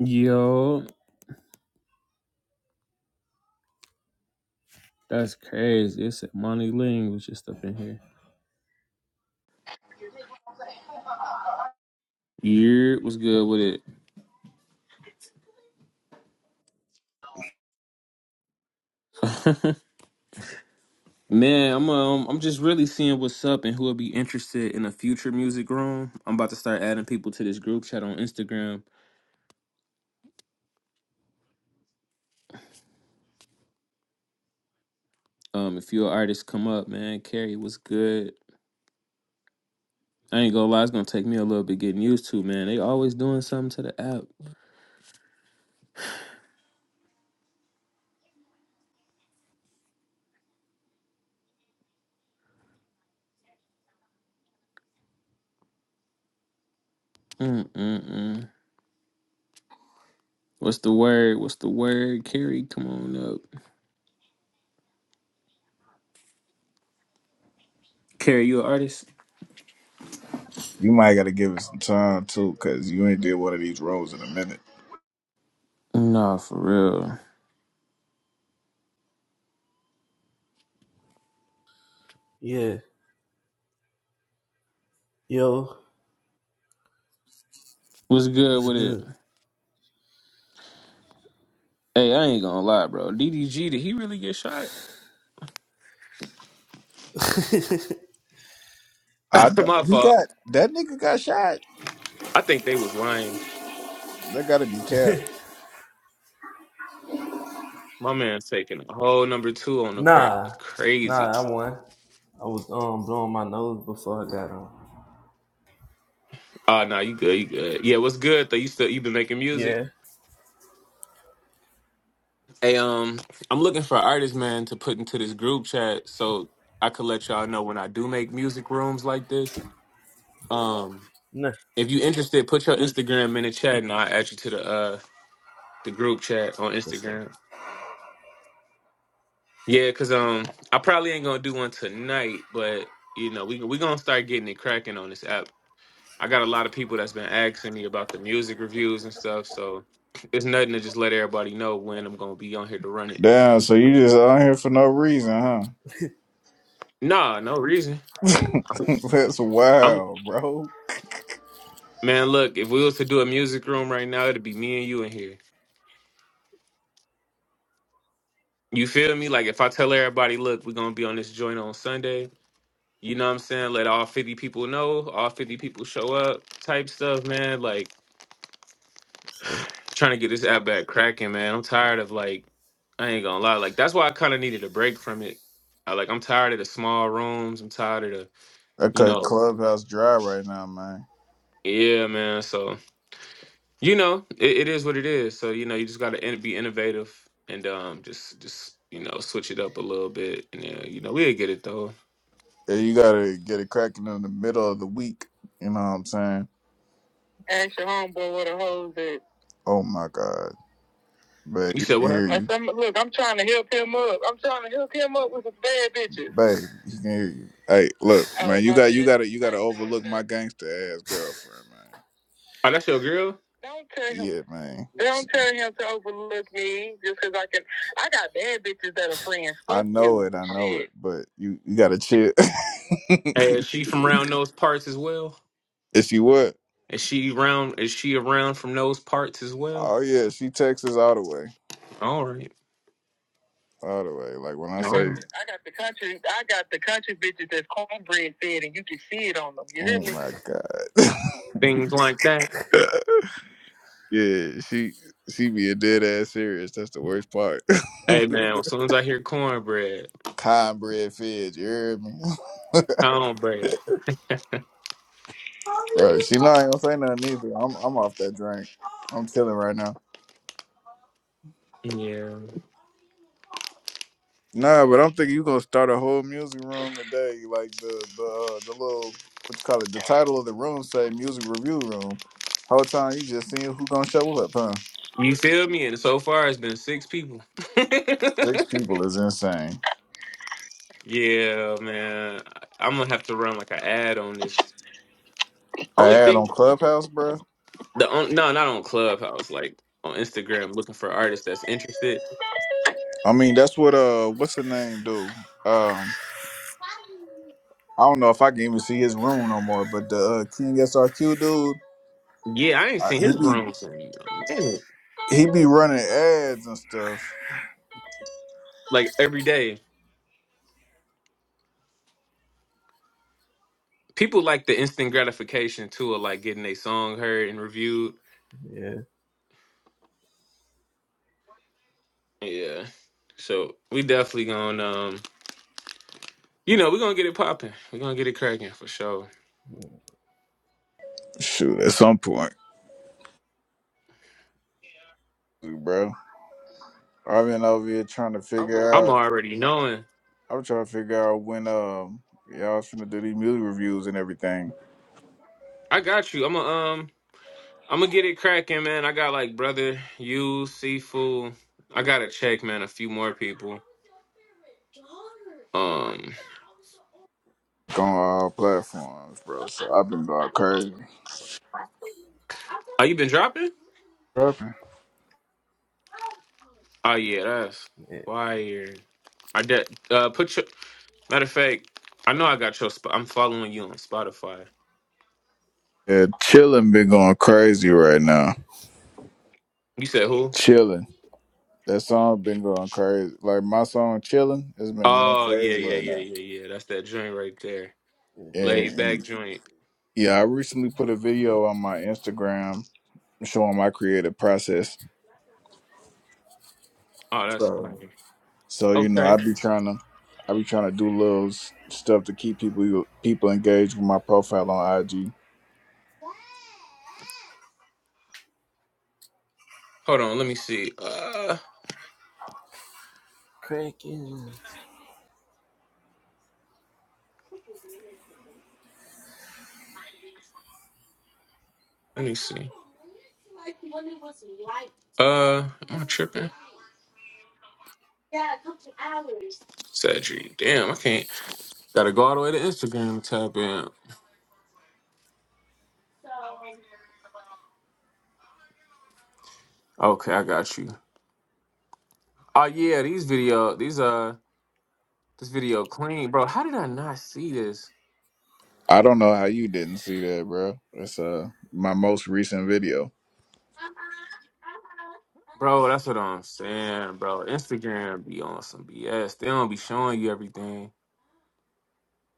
Yo, that's crazy. It's money language just up in here. Yeah, what's good with it? Man, I'm um, I'm just really seeing what's up and who will be interested in a future music room. I'm about to start adding people to this group chat on Instagram. Um, if you're an artist, come up, man. Carrie, what's good? I ain't gonna lie, it's gonna take me a little bit getting used to, man. They always doing something to the app. Mm mm mm. What's the word? What's the word? Carrie, come on up. Carrie, you an artist? You might got to give it some time too, because you ain't did one of these roles in a minute. Nah, for real. Yeah, yo, What's good what's with it? good? Hey, I ain't gonna lie, bro. DDG, did he really get shot? I th- My he fault. got that nigga got shot. I think they was lying. That got to be capped. My man's taking a whole number two on the crack. Nah, Crazy. nah, I won. I was um blowing my nose before I got on. Oh, nah, you good. You good. Yeah, what's good though? You still you been making music? Yeah, Hey, um, I'm looking for artists, man, to put into this group chat so I could let y'all know when I do make music rooms like this. Um, nah. if you interested, put your Instagram in the chat, and I'll add you to the uh the group chat on What's up? Instagram. Yeah, cause um, I probably ain't gonna do one tonight, but you know, we we gonna start getting it cracking on this app. I got a lot of people that's been asking me about the music reviews and stuff, so it's nothing to just let everybody know when I'm gonna be on here to run it. Damn. So you just on here for no reason, huh? Nah, no reason. That's I'm wild, bro. man, look, if we was to do a music room right now, it'd be me and you in here. You feel me? Like if I tell everybody, look, we're gonna be on this joint on Sunday. You know what I'm saying? Let all 50 people know, all 50 people show up, type stuff, man. Like What's up? trying to get this app back cracking, man. I'm tired of like, I ain't gonna lie, like that's why I kind of needed a break from it. I like, I'm tired of the small rooms. I'm tired of the, That you cut know, clubhouse dry right now, man. yeah, man. So you know, it, it is what it is. So you know, you just gotta in, be innovative and um, just just you know, switch it up a little bit. And yeah, you know, we'll get it though. Yeah, you gotta get it cracking in the middle of the week. You know what I'm saying? Ask your homeboy where the hoes at. Oh my god. Babe, You you said can what? hear happened? you. some, look, I'm trying to help him up. I'm trying to hook him up with some bad bitches. Babe, he can hear you. Hey, look, Oh, man, you got you gotta you gotta overlook my Okay. gangster ass girlfriend, man. Oh, that's your girl. Don't tell him. Yeah, man. Don't tell him to overlook me just because I can. I got bad bitches that are friends. Fuck I know you. it, I know Shit. it, but you you gotta chill. Hey, is she from round those parts as well? If she would, Is she round? Is she around from those parts as well? Oh yeah, she Texas all the way. All right, all the way. Like when I I got all say, got right. the I got the country I got the country bitches that's cornbread fed and you can see it on them. You hear oh me? my god, things like that. yeah, she she be a dead ass serious. That's the worst part. Hey man, as soon as I hear cornbread, Cornbread fed, you heard me? pound bread. right? She know I ain't gonna say nothing either. I'm I'm off that drink. I'm chilling right now. Yeah. Nah, but I'm thinking you gonna start a whole music room today, like the the uh, the little what you call it, the title of the room say music review room. Whole time you just seeing who gonna show up, huh? You feel me? And so far it's been six people. Six people is insane. yeah, man. I'm gonna have to run like an ad on this. I Only ad thing on Clubhouse, bro. the on, no, not on Clubhouse, like on Instagram looking for artists that's interested. I mean, that's what uh, what's the name, dude? Um, I don't know if I can even see his room no more, but the uh, King SRQ dude, Yeah, I ain't uh, seen his he be rooms in a minute. he be running ads and stuff. Like every day. People like the instant gratification too of like getting their song heard and reviewed. Yeah, Yeah. So we definitely gonna um You know, we're gonna get it popping. We're gonna get it cracking for sure. Shoot, at some point, bro. I've been over here trying to figure I'm out. already knowing. I'm trying to figure out when um y'all finna do these music reviews and everything I got you. I'm a um I'm gonna get it cracking, man. I got like brother, you, seafood. I gotta check, man, a few more people. Um on all platforms, bro. So I've been going crazy. you been dropping? Rapping. Oh yeah, that's yeah, fire. I de- uh put your matter of fact, I know I got your spot I'm following you on Spotify. Yeah, chilling been going crazy right now. You said who? Chilling. That song been going crazy. Like my song "Chillin" has been going Oh yeah, crazy yeah, right yeah, now. yeah, yeah. That's that joint right there. yeah. And Laid back and joint. yeah, I recently put a video on my Instagram showing my creative process. Oh, that's So fire. So you know, I Okay. be trying to, I be trying to do little s- stuff to keep people people engaged with my profile on IG. Hold on, let me see. Uh, cracking. Let me uh tripping. Sadri. Damn, I can't. Gotta go all the way to Instagram to tap in. Okay, I got you. Oh yeah, these video these uh this video clean, bro. How did I not see this? I don't know how you didn't see that, bro. It's uh my most recent video. Bro, that's what I'm saying, bro. Instagram be on some BS. They don't be showing you everything.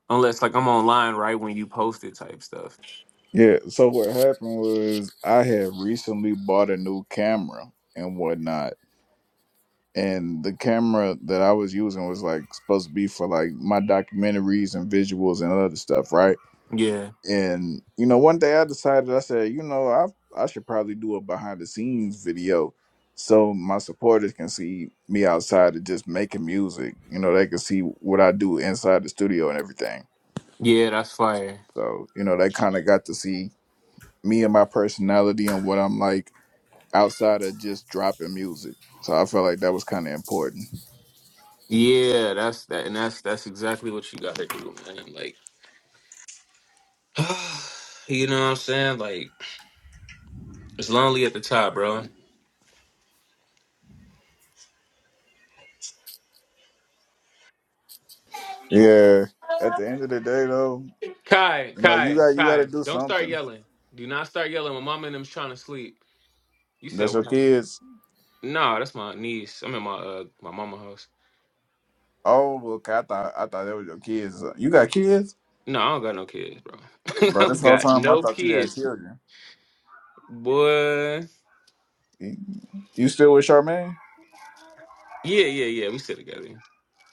Unless like I'm online right when you post it type stuff. Yeah. So what happened was I had recently bought a new camera and whatnot, and the camera that I was using was like supposed to be for like my documentaries and visuals and other stuff, right? Yeah. And you know, one day I decided I said, you know, I I should probably do a behind the scenes video so my supporters can see me outside of just making music. You know, they can see what I do inside the studio and everything. Yeah, that's fire. So, you know, they kind of got to see me and my personality and what I'm like outside of just dropping music. So I felt like that was kind of important. Yeah, that's that and that's that's exactly what you gotta do, man. Like you know what I'm saying? Like It's lonely at the top, bro. Yeah. At the end of the day though, Kai, You know, you Kai, got you got to Kai, do don't start something. yelling. Do not start yelling. My mama and them's trying to sleep. You said That's your what? kids. No, that's my niece. I'm in my uh my mama house. Oh, well, okay. I thought I thought that was your kids. You got kids, No, I don't got no kids, bro. bro. I do This whole got time I no thought you had kids, children. boy. You, you still with Charmaine? Yeah, yeah, yeah. We sit together.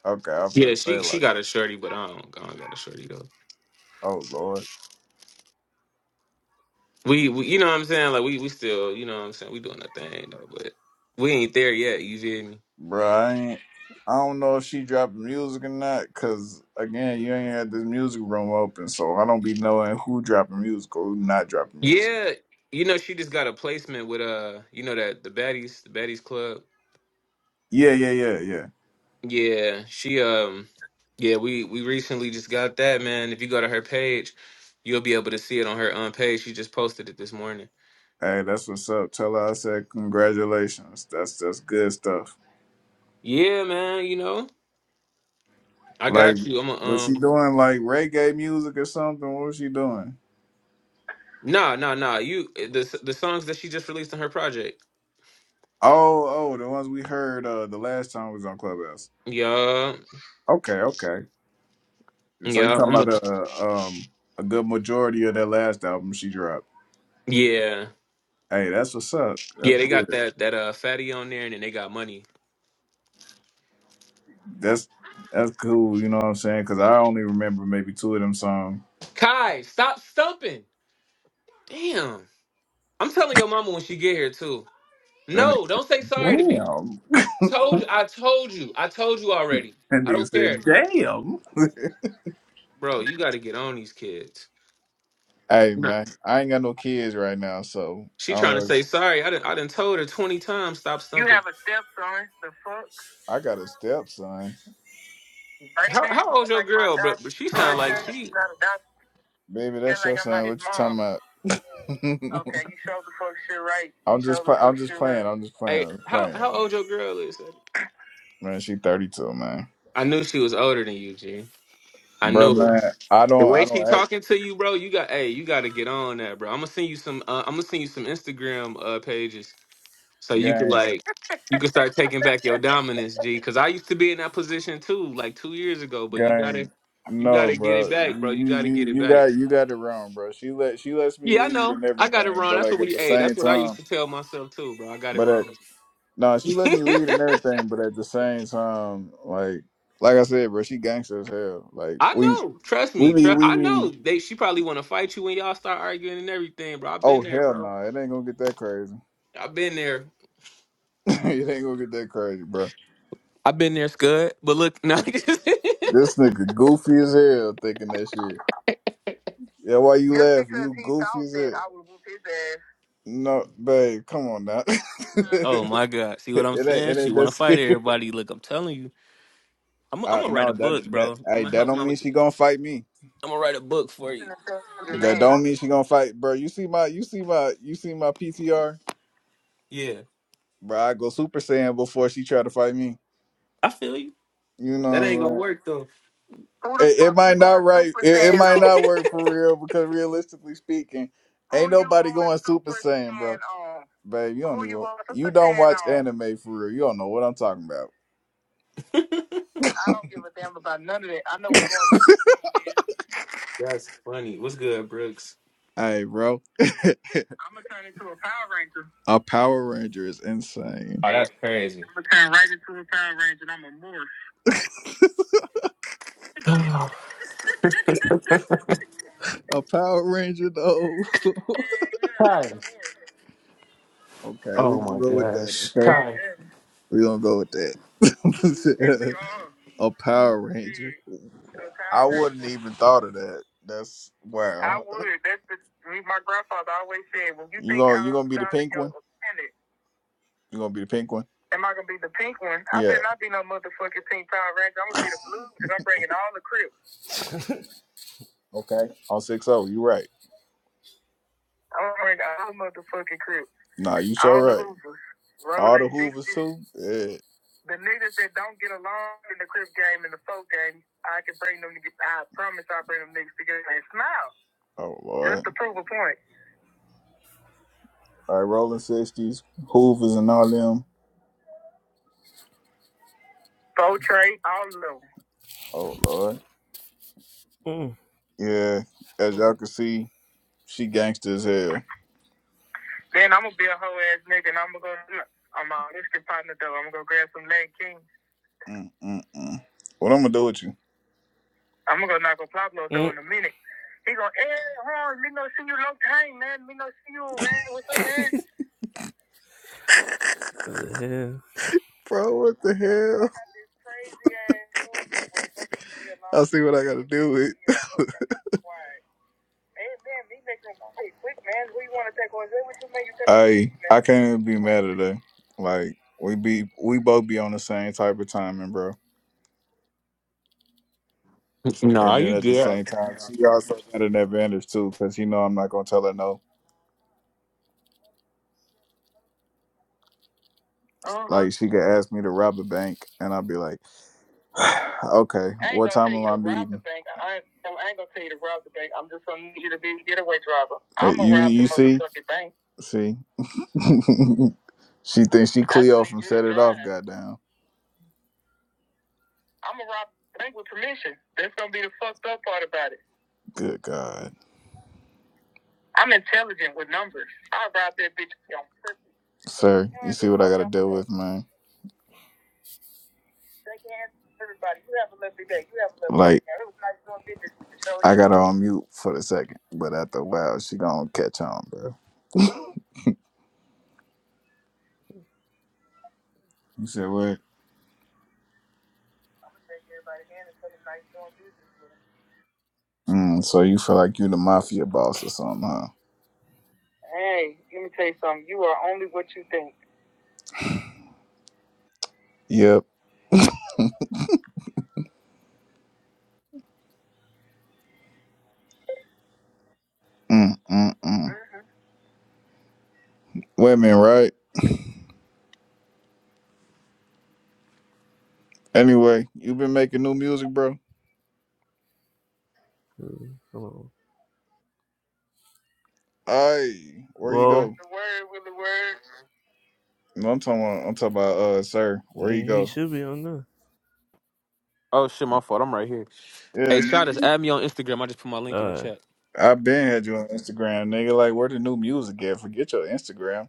Okay, I Yeah, feel she bad. she Like, got a shorty, but I don't, I don't got a shorty though. oh lord, We, we, you know what I'm saying? Like we we still, you know what I'm saying? We doing a thing though, but we ain't there yet. You feel me? bro. I ain't. I don't know if she dropping music or not, cause again, you ain't had this music room open, so I don't be knowing who dropping music or who not dropping music. Yeah, you know she just got a placement with uh, you know that the baddies, the baddies club. Yeah, yeah, yeah, yeah. Yeah, she um, yeah we we recently just got that man. If you go to her page, you'll be able to see it on her um page. She just posted it this morning. Hey, that's what's up. Tell her I said congratulations. That's that's good stuff. Yeah, man. You know I Like, got you. I'm a was she um. doing like reggae music or something? What was she doing? Nah, nah, nah. You eh, the the songs that she just released on her project. Oh, oh, the ones we heard uh the last time we was on Clubhouse. Yeah, Okay, okay. So you yeah. talking I'm a, about uh, um a good majority of that last album she dropped? yeah, Hey, that's what's up. That's yeah. They got good. that that uh fatty on there, and then they got money. That's that's cool. You know what I'm saying? Because I only remember maybe two of them songs. Kai, stop stumping. Damn. I'm telling your mama when she get here too. That No, don't say sorry to me. nigga, Told damn. you. I told you. I told you already. That I nigga don't care, said, damn. bro. You got to get on these kids. Hey Nah. man, I ain't got no kids right now, so She I don't trying to know. say sorry. I didn't. I done told her twenty times. Stop You stumping. have a stepson. The fuck, I got a stepson. baby? How how You old's look your like my girl? But, adopted but she sound son. like you she. got adopted. Baby, that's like your i son. What you talking about? Okay, you showed the fuck shit right. I'm just showed I'm just playing. right. I'm just playing. I'm Hey, just how playing. I'm how playing. old your girl is? Man, she 32, man. I knew she was older than you, G. I Bro, knew man, it. I The don't I way she don't act talking to you, bro. You got. Hey, you got to get on that, bro. I'm gonna send you some. Uh, I'm gonna send you some Instagram uh, pages So you could gang like you could start taking back your dominance, G. Cause I used to be in that position too, like two years ago. But you gang. gotta you No, gotta get it bro. back, bro. You You gotta get you it you got back. you got it wrong, bro. She let she lets me Yeah, I lead know. and I got it everything, wrong. but That's like what at we the hey, same that's what I used time, to tell myself too, bro. I got it but at wrong. No, she let me lead and everything, but at the same time, like like I said, bro, she gangster as hell. Like I we know. Trust we me. be Tru- we I know. be They she probably wanna fight you when y'all start arguing and everything, bro. I've oh been there, hell bro. no, it ain't gonna get that crazy. I've been there. it ain't gonna get that crazy, bro. I've been there, Scud. But look, no. This nigga goofy as hell thinking that shit. Yeah, why you Just laughing? because You he goofy thought as that hell. I would whoop his ass. No, babe, come on now. oh it my God. See what I'm ain't saying? it She ain't that wanna fight serious. everybody. Look, I'm telling you. I'm, I'm Uh, gonna write a no, that book, that bro. I'm hey, gonna that help don't my mean she gonna fight me. I'm gonna write a book for you. That don't mean she gonna fight, bro. You see my, you see my, you see my PTR, Yeah, bro. I go Super Saiyan before she try to fight me. I feel you. You That know ain't gonna what work though. I'm saying? It, it might not right. It, it might not work for real because realistically speaking, ain't nobody going Super Saiyan, bro. Babe, you don't even. You don't watch anime for real. You don't know what I'm talking about. That's funny. What's good, Brooks? Hey, bro. A Power Ranger is insane. Oh, that's crazy. I'm gonna turn right into a Power Ranger. and I'm a morph. Kai. A Power Ranger though. Hell yeah, I'm a morph. okay, we're Oh gonna my go with that. Okay, gosh. Hell Kai. yeah. we're gonna go with that. Yes, we that. are. a Power Ranger. Shit, a I wouldn't even thought of that. That's wow. I wow. would. That's the, me, my grandfather always said, when you You think gonna you you gonna be the pink one? offended, You gonna be the pink one? am I gonna be the pink one? I Yeah. better not be no motherfucking pink Power Ranger. I'm gonna be the blue because I'm bringing all the crips. Okay. On six zero. You right. I'm wearing all motherfucking crip. Nah, you All sure right. All the Hoovers too. Yeah. The niggas that don't get along in the Crip game and the folk game, I can bring them together. I promise I bring them niggas together and smile. Oh Lord. Just to prove a point. All right, Rolling Sixties, Hoovers, and all them. Go Trey, all of them. Oh Lord. Mm, Yeah. As y'all can see, she gangster as hell. Then I'm gonna be a hoe ass nigga and I'm gonna go. I'm my whiskey partner though. I'm gonna go grab some leg king. Mm, mm, mm. What I'm gonna do with you? I'm gonna go knock on Pablo though mm. in a minute. He go, hey, Horn, me no see you long time, man. Me no see you, man. What's up, man? What the hell? Bro, what the hell? This crazy ass dude that I see what I gotta do with. Hey, man, me making hey, quick, man. Who you wanna take What you make you take Hey, I can't even be mad at that. Like we be we both be on the same type of timing, bro. And Nah, then you at the good. same time, she also got an advantage too, cause you know I'm not gonna tell her no. Uh-huh. Like she could ask me to rob a bank, and I'd be like, "Okay, I ain't what gonna time tell am you I to rob the meeting?" bank. I ain't, no, I ain't gonna tell you to rob the bank. I'm just gonna need you to be a getaway driver. Uh, I'm gonna You rob the you see motherfucking bank. see, she thinks she That's Cleo a from good Set It Off. line. Goddamn, I'm gonna rob the bank with permission. That's gonna be the fucked up part about it. good God, I'm intelligent with numbers. I rob that bitch on purpose. sir, You see what I gotta deal saying. with, Shake hands with everybody. You have a lovely day. You have a lovely Like day. it was nice doing business with you. So I got her on mute for the second, but after a while she gonna catch on, bro. You said what? I'm gonna shake everybody hand and tell them nice doing business with you. Mm, so you feel like you the mafia boss or something, huh? Hey, let me tell you something. You are only what you think. Yep. Mm, mm, mm. Mm-hmm. Women, right? Anyway, you been making new music, bro. Mm, Come on. Aye, where he What's go? Well, the word with the word? No, I'm talking about, I'm talking about uh sir, I where you mean, he go? should be on there. Oh shit, my fault. I'm right here. Yeah, Hey, shout us. nigga, Add me on Instagram. I just put my link in All the right. chat. I've been had you on Instagram, nigga. Like where the new music at? Forget your Instagram.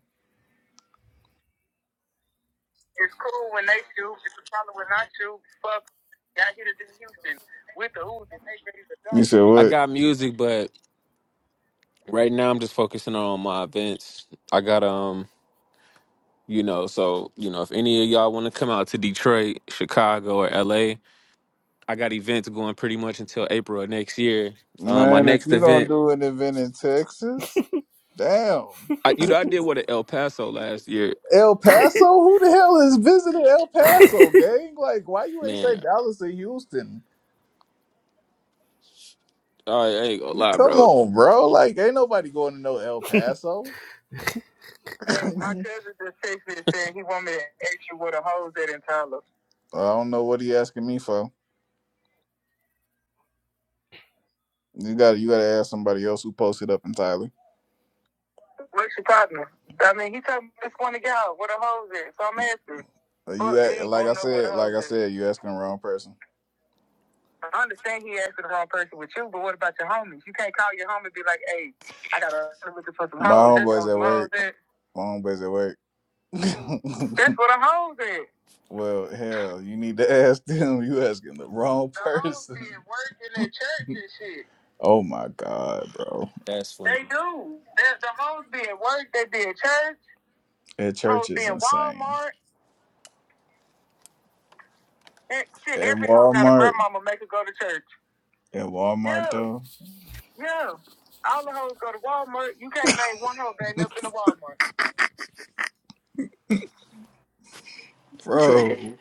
It's cool when they shoot. It's a problem when I shoot. Fuck y'all hit it in Houston with the Uzi. They ready to go. You said I what? got music, but right now I'm just focusing on my events. I got um, you know, so you know, if any of y'all want to come out to Detroit, Chicago, or LA, I got events going pretty much until April of next year. Um, my Man, if next you don't event, do an event in Texas, damn. I, you know, I did one at El Paso last year. El Paso? Who the hell is visiting El Paso, gang? Like, why you ain't say Man, Dallas or Houston? I ain't gonna lie, Come bro. on, bro. Like, ain't nobody going to know El Paso. My cousin just texted me and said he want me to ask you what a hoes at in Tyler. I don't know what he asking me for. You got to you got to ask somebody else who posted up in Tyler. What's your partner? I mean, he told me this one to go what a hoes at. So I'm asking. Uh, You Fuck, he act, ain't like gonna I gonna know what a said, like hoes I at. said, you asking the wrong person. I understand he asking the wrong person with you, but what about your homies? You can't call your homie and be like, hey, I got a looking for some My homies That's homeboy's on at some hoes work. hoes at. My homeboy's at work. That's what I hold at. well, hell, you need to ask them. You asking the wrong The hoes person. been working at church and shit. Oh my god, bro. That's funny. They do. There's the hoes being work. They be at church. That Hoes church Hoes be is in insane. Walmart. And shit, At every hoe got a Walmart, grandmama make her go to church. at Walmart Yeah, though, yeah. All the hoes go to Walmart. You can't name one hoe that ain't never been to Walmart. bro.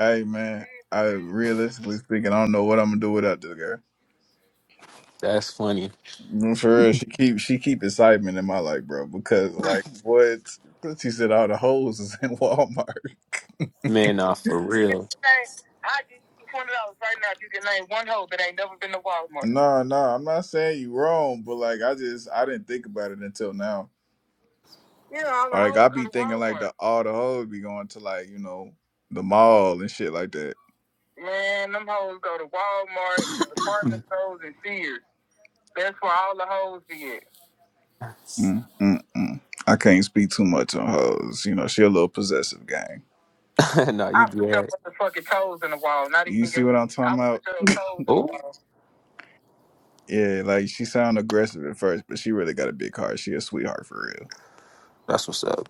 Hey man, I realistically speaking, I don't know what I'm gonna do without this girl. That's funny. No, For real, she keep she keep excitement in my life, bro. Because like what she said, all the hoes is in Walmart. Man, nah, for real. Hey, I give you twenty dollars right now if you can name one hoe that ain't never been to Walmart. No, no, I'm not saying you wrong, but like I just I didn't think about it until now. Yeah, all the Like hoes I go be go to thinking like Walmart. the all the hoes be going to like you know the mall and shit like that. Man, them hoes go to Walmart, the department stores, and Sears. That's where all the hoes be at. Mm, mm, mm. I can't speak too much on hoes. You know, she a little possessive gang. nah, you I put your good. motherfucking toes in the wall. Not even You see what I'm talking I about? put your toes in the Oh, wall. Yeah, like she sound aggressive at first, but she really got a big heart. She a sweetheart for real. that's what's up.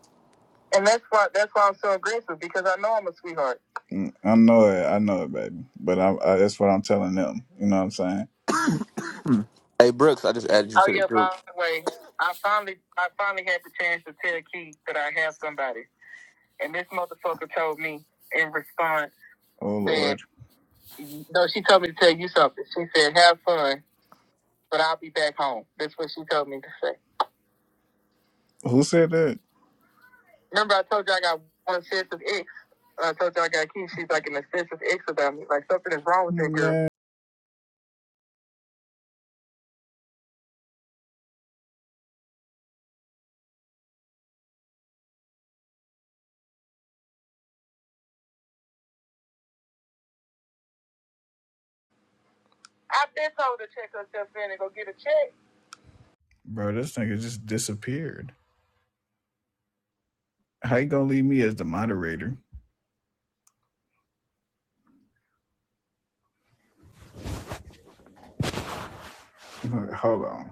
And that's why that's why I'm so aggressive because I know I'm a sweetheart. Mm, I know it. I know it, baby. But I, I, that's what I'm telling them. You know what I'm saying? hey, Brooks, I just added you Oh to the yeah, group. by the way, I finally I finally had the chance to tell Keith that I have somebody. And this motherfucker told me in response Oh that Lord. no, she told me to tell you something. She said, "Have fun, but I'll be back home." That's what she told me to say. Who said that? Remember, I told you I got one sense of ex. I told you I got kids. She's like an obsessive ex about me. Like something is wrong with that girl. Man. I've been told to check herself in and go get a check. Bro, this nigga just disappeared. How you gonna leave me as the moderator? Hold on.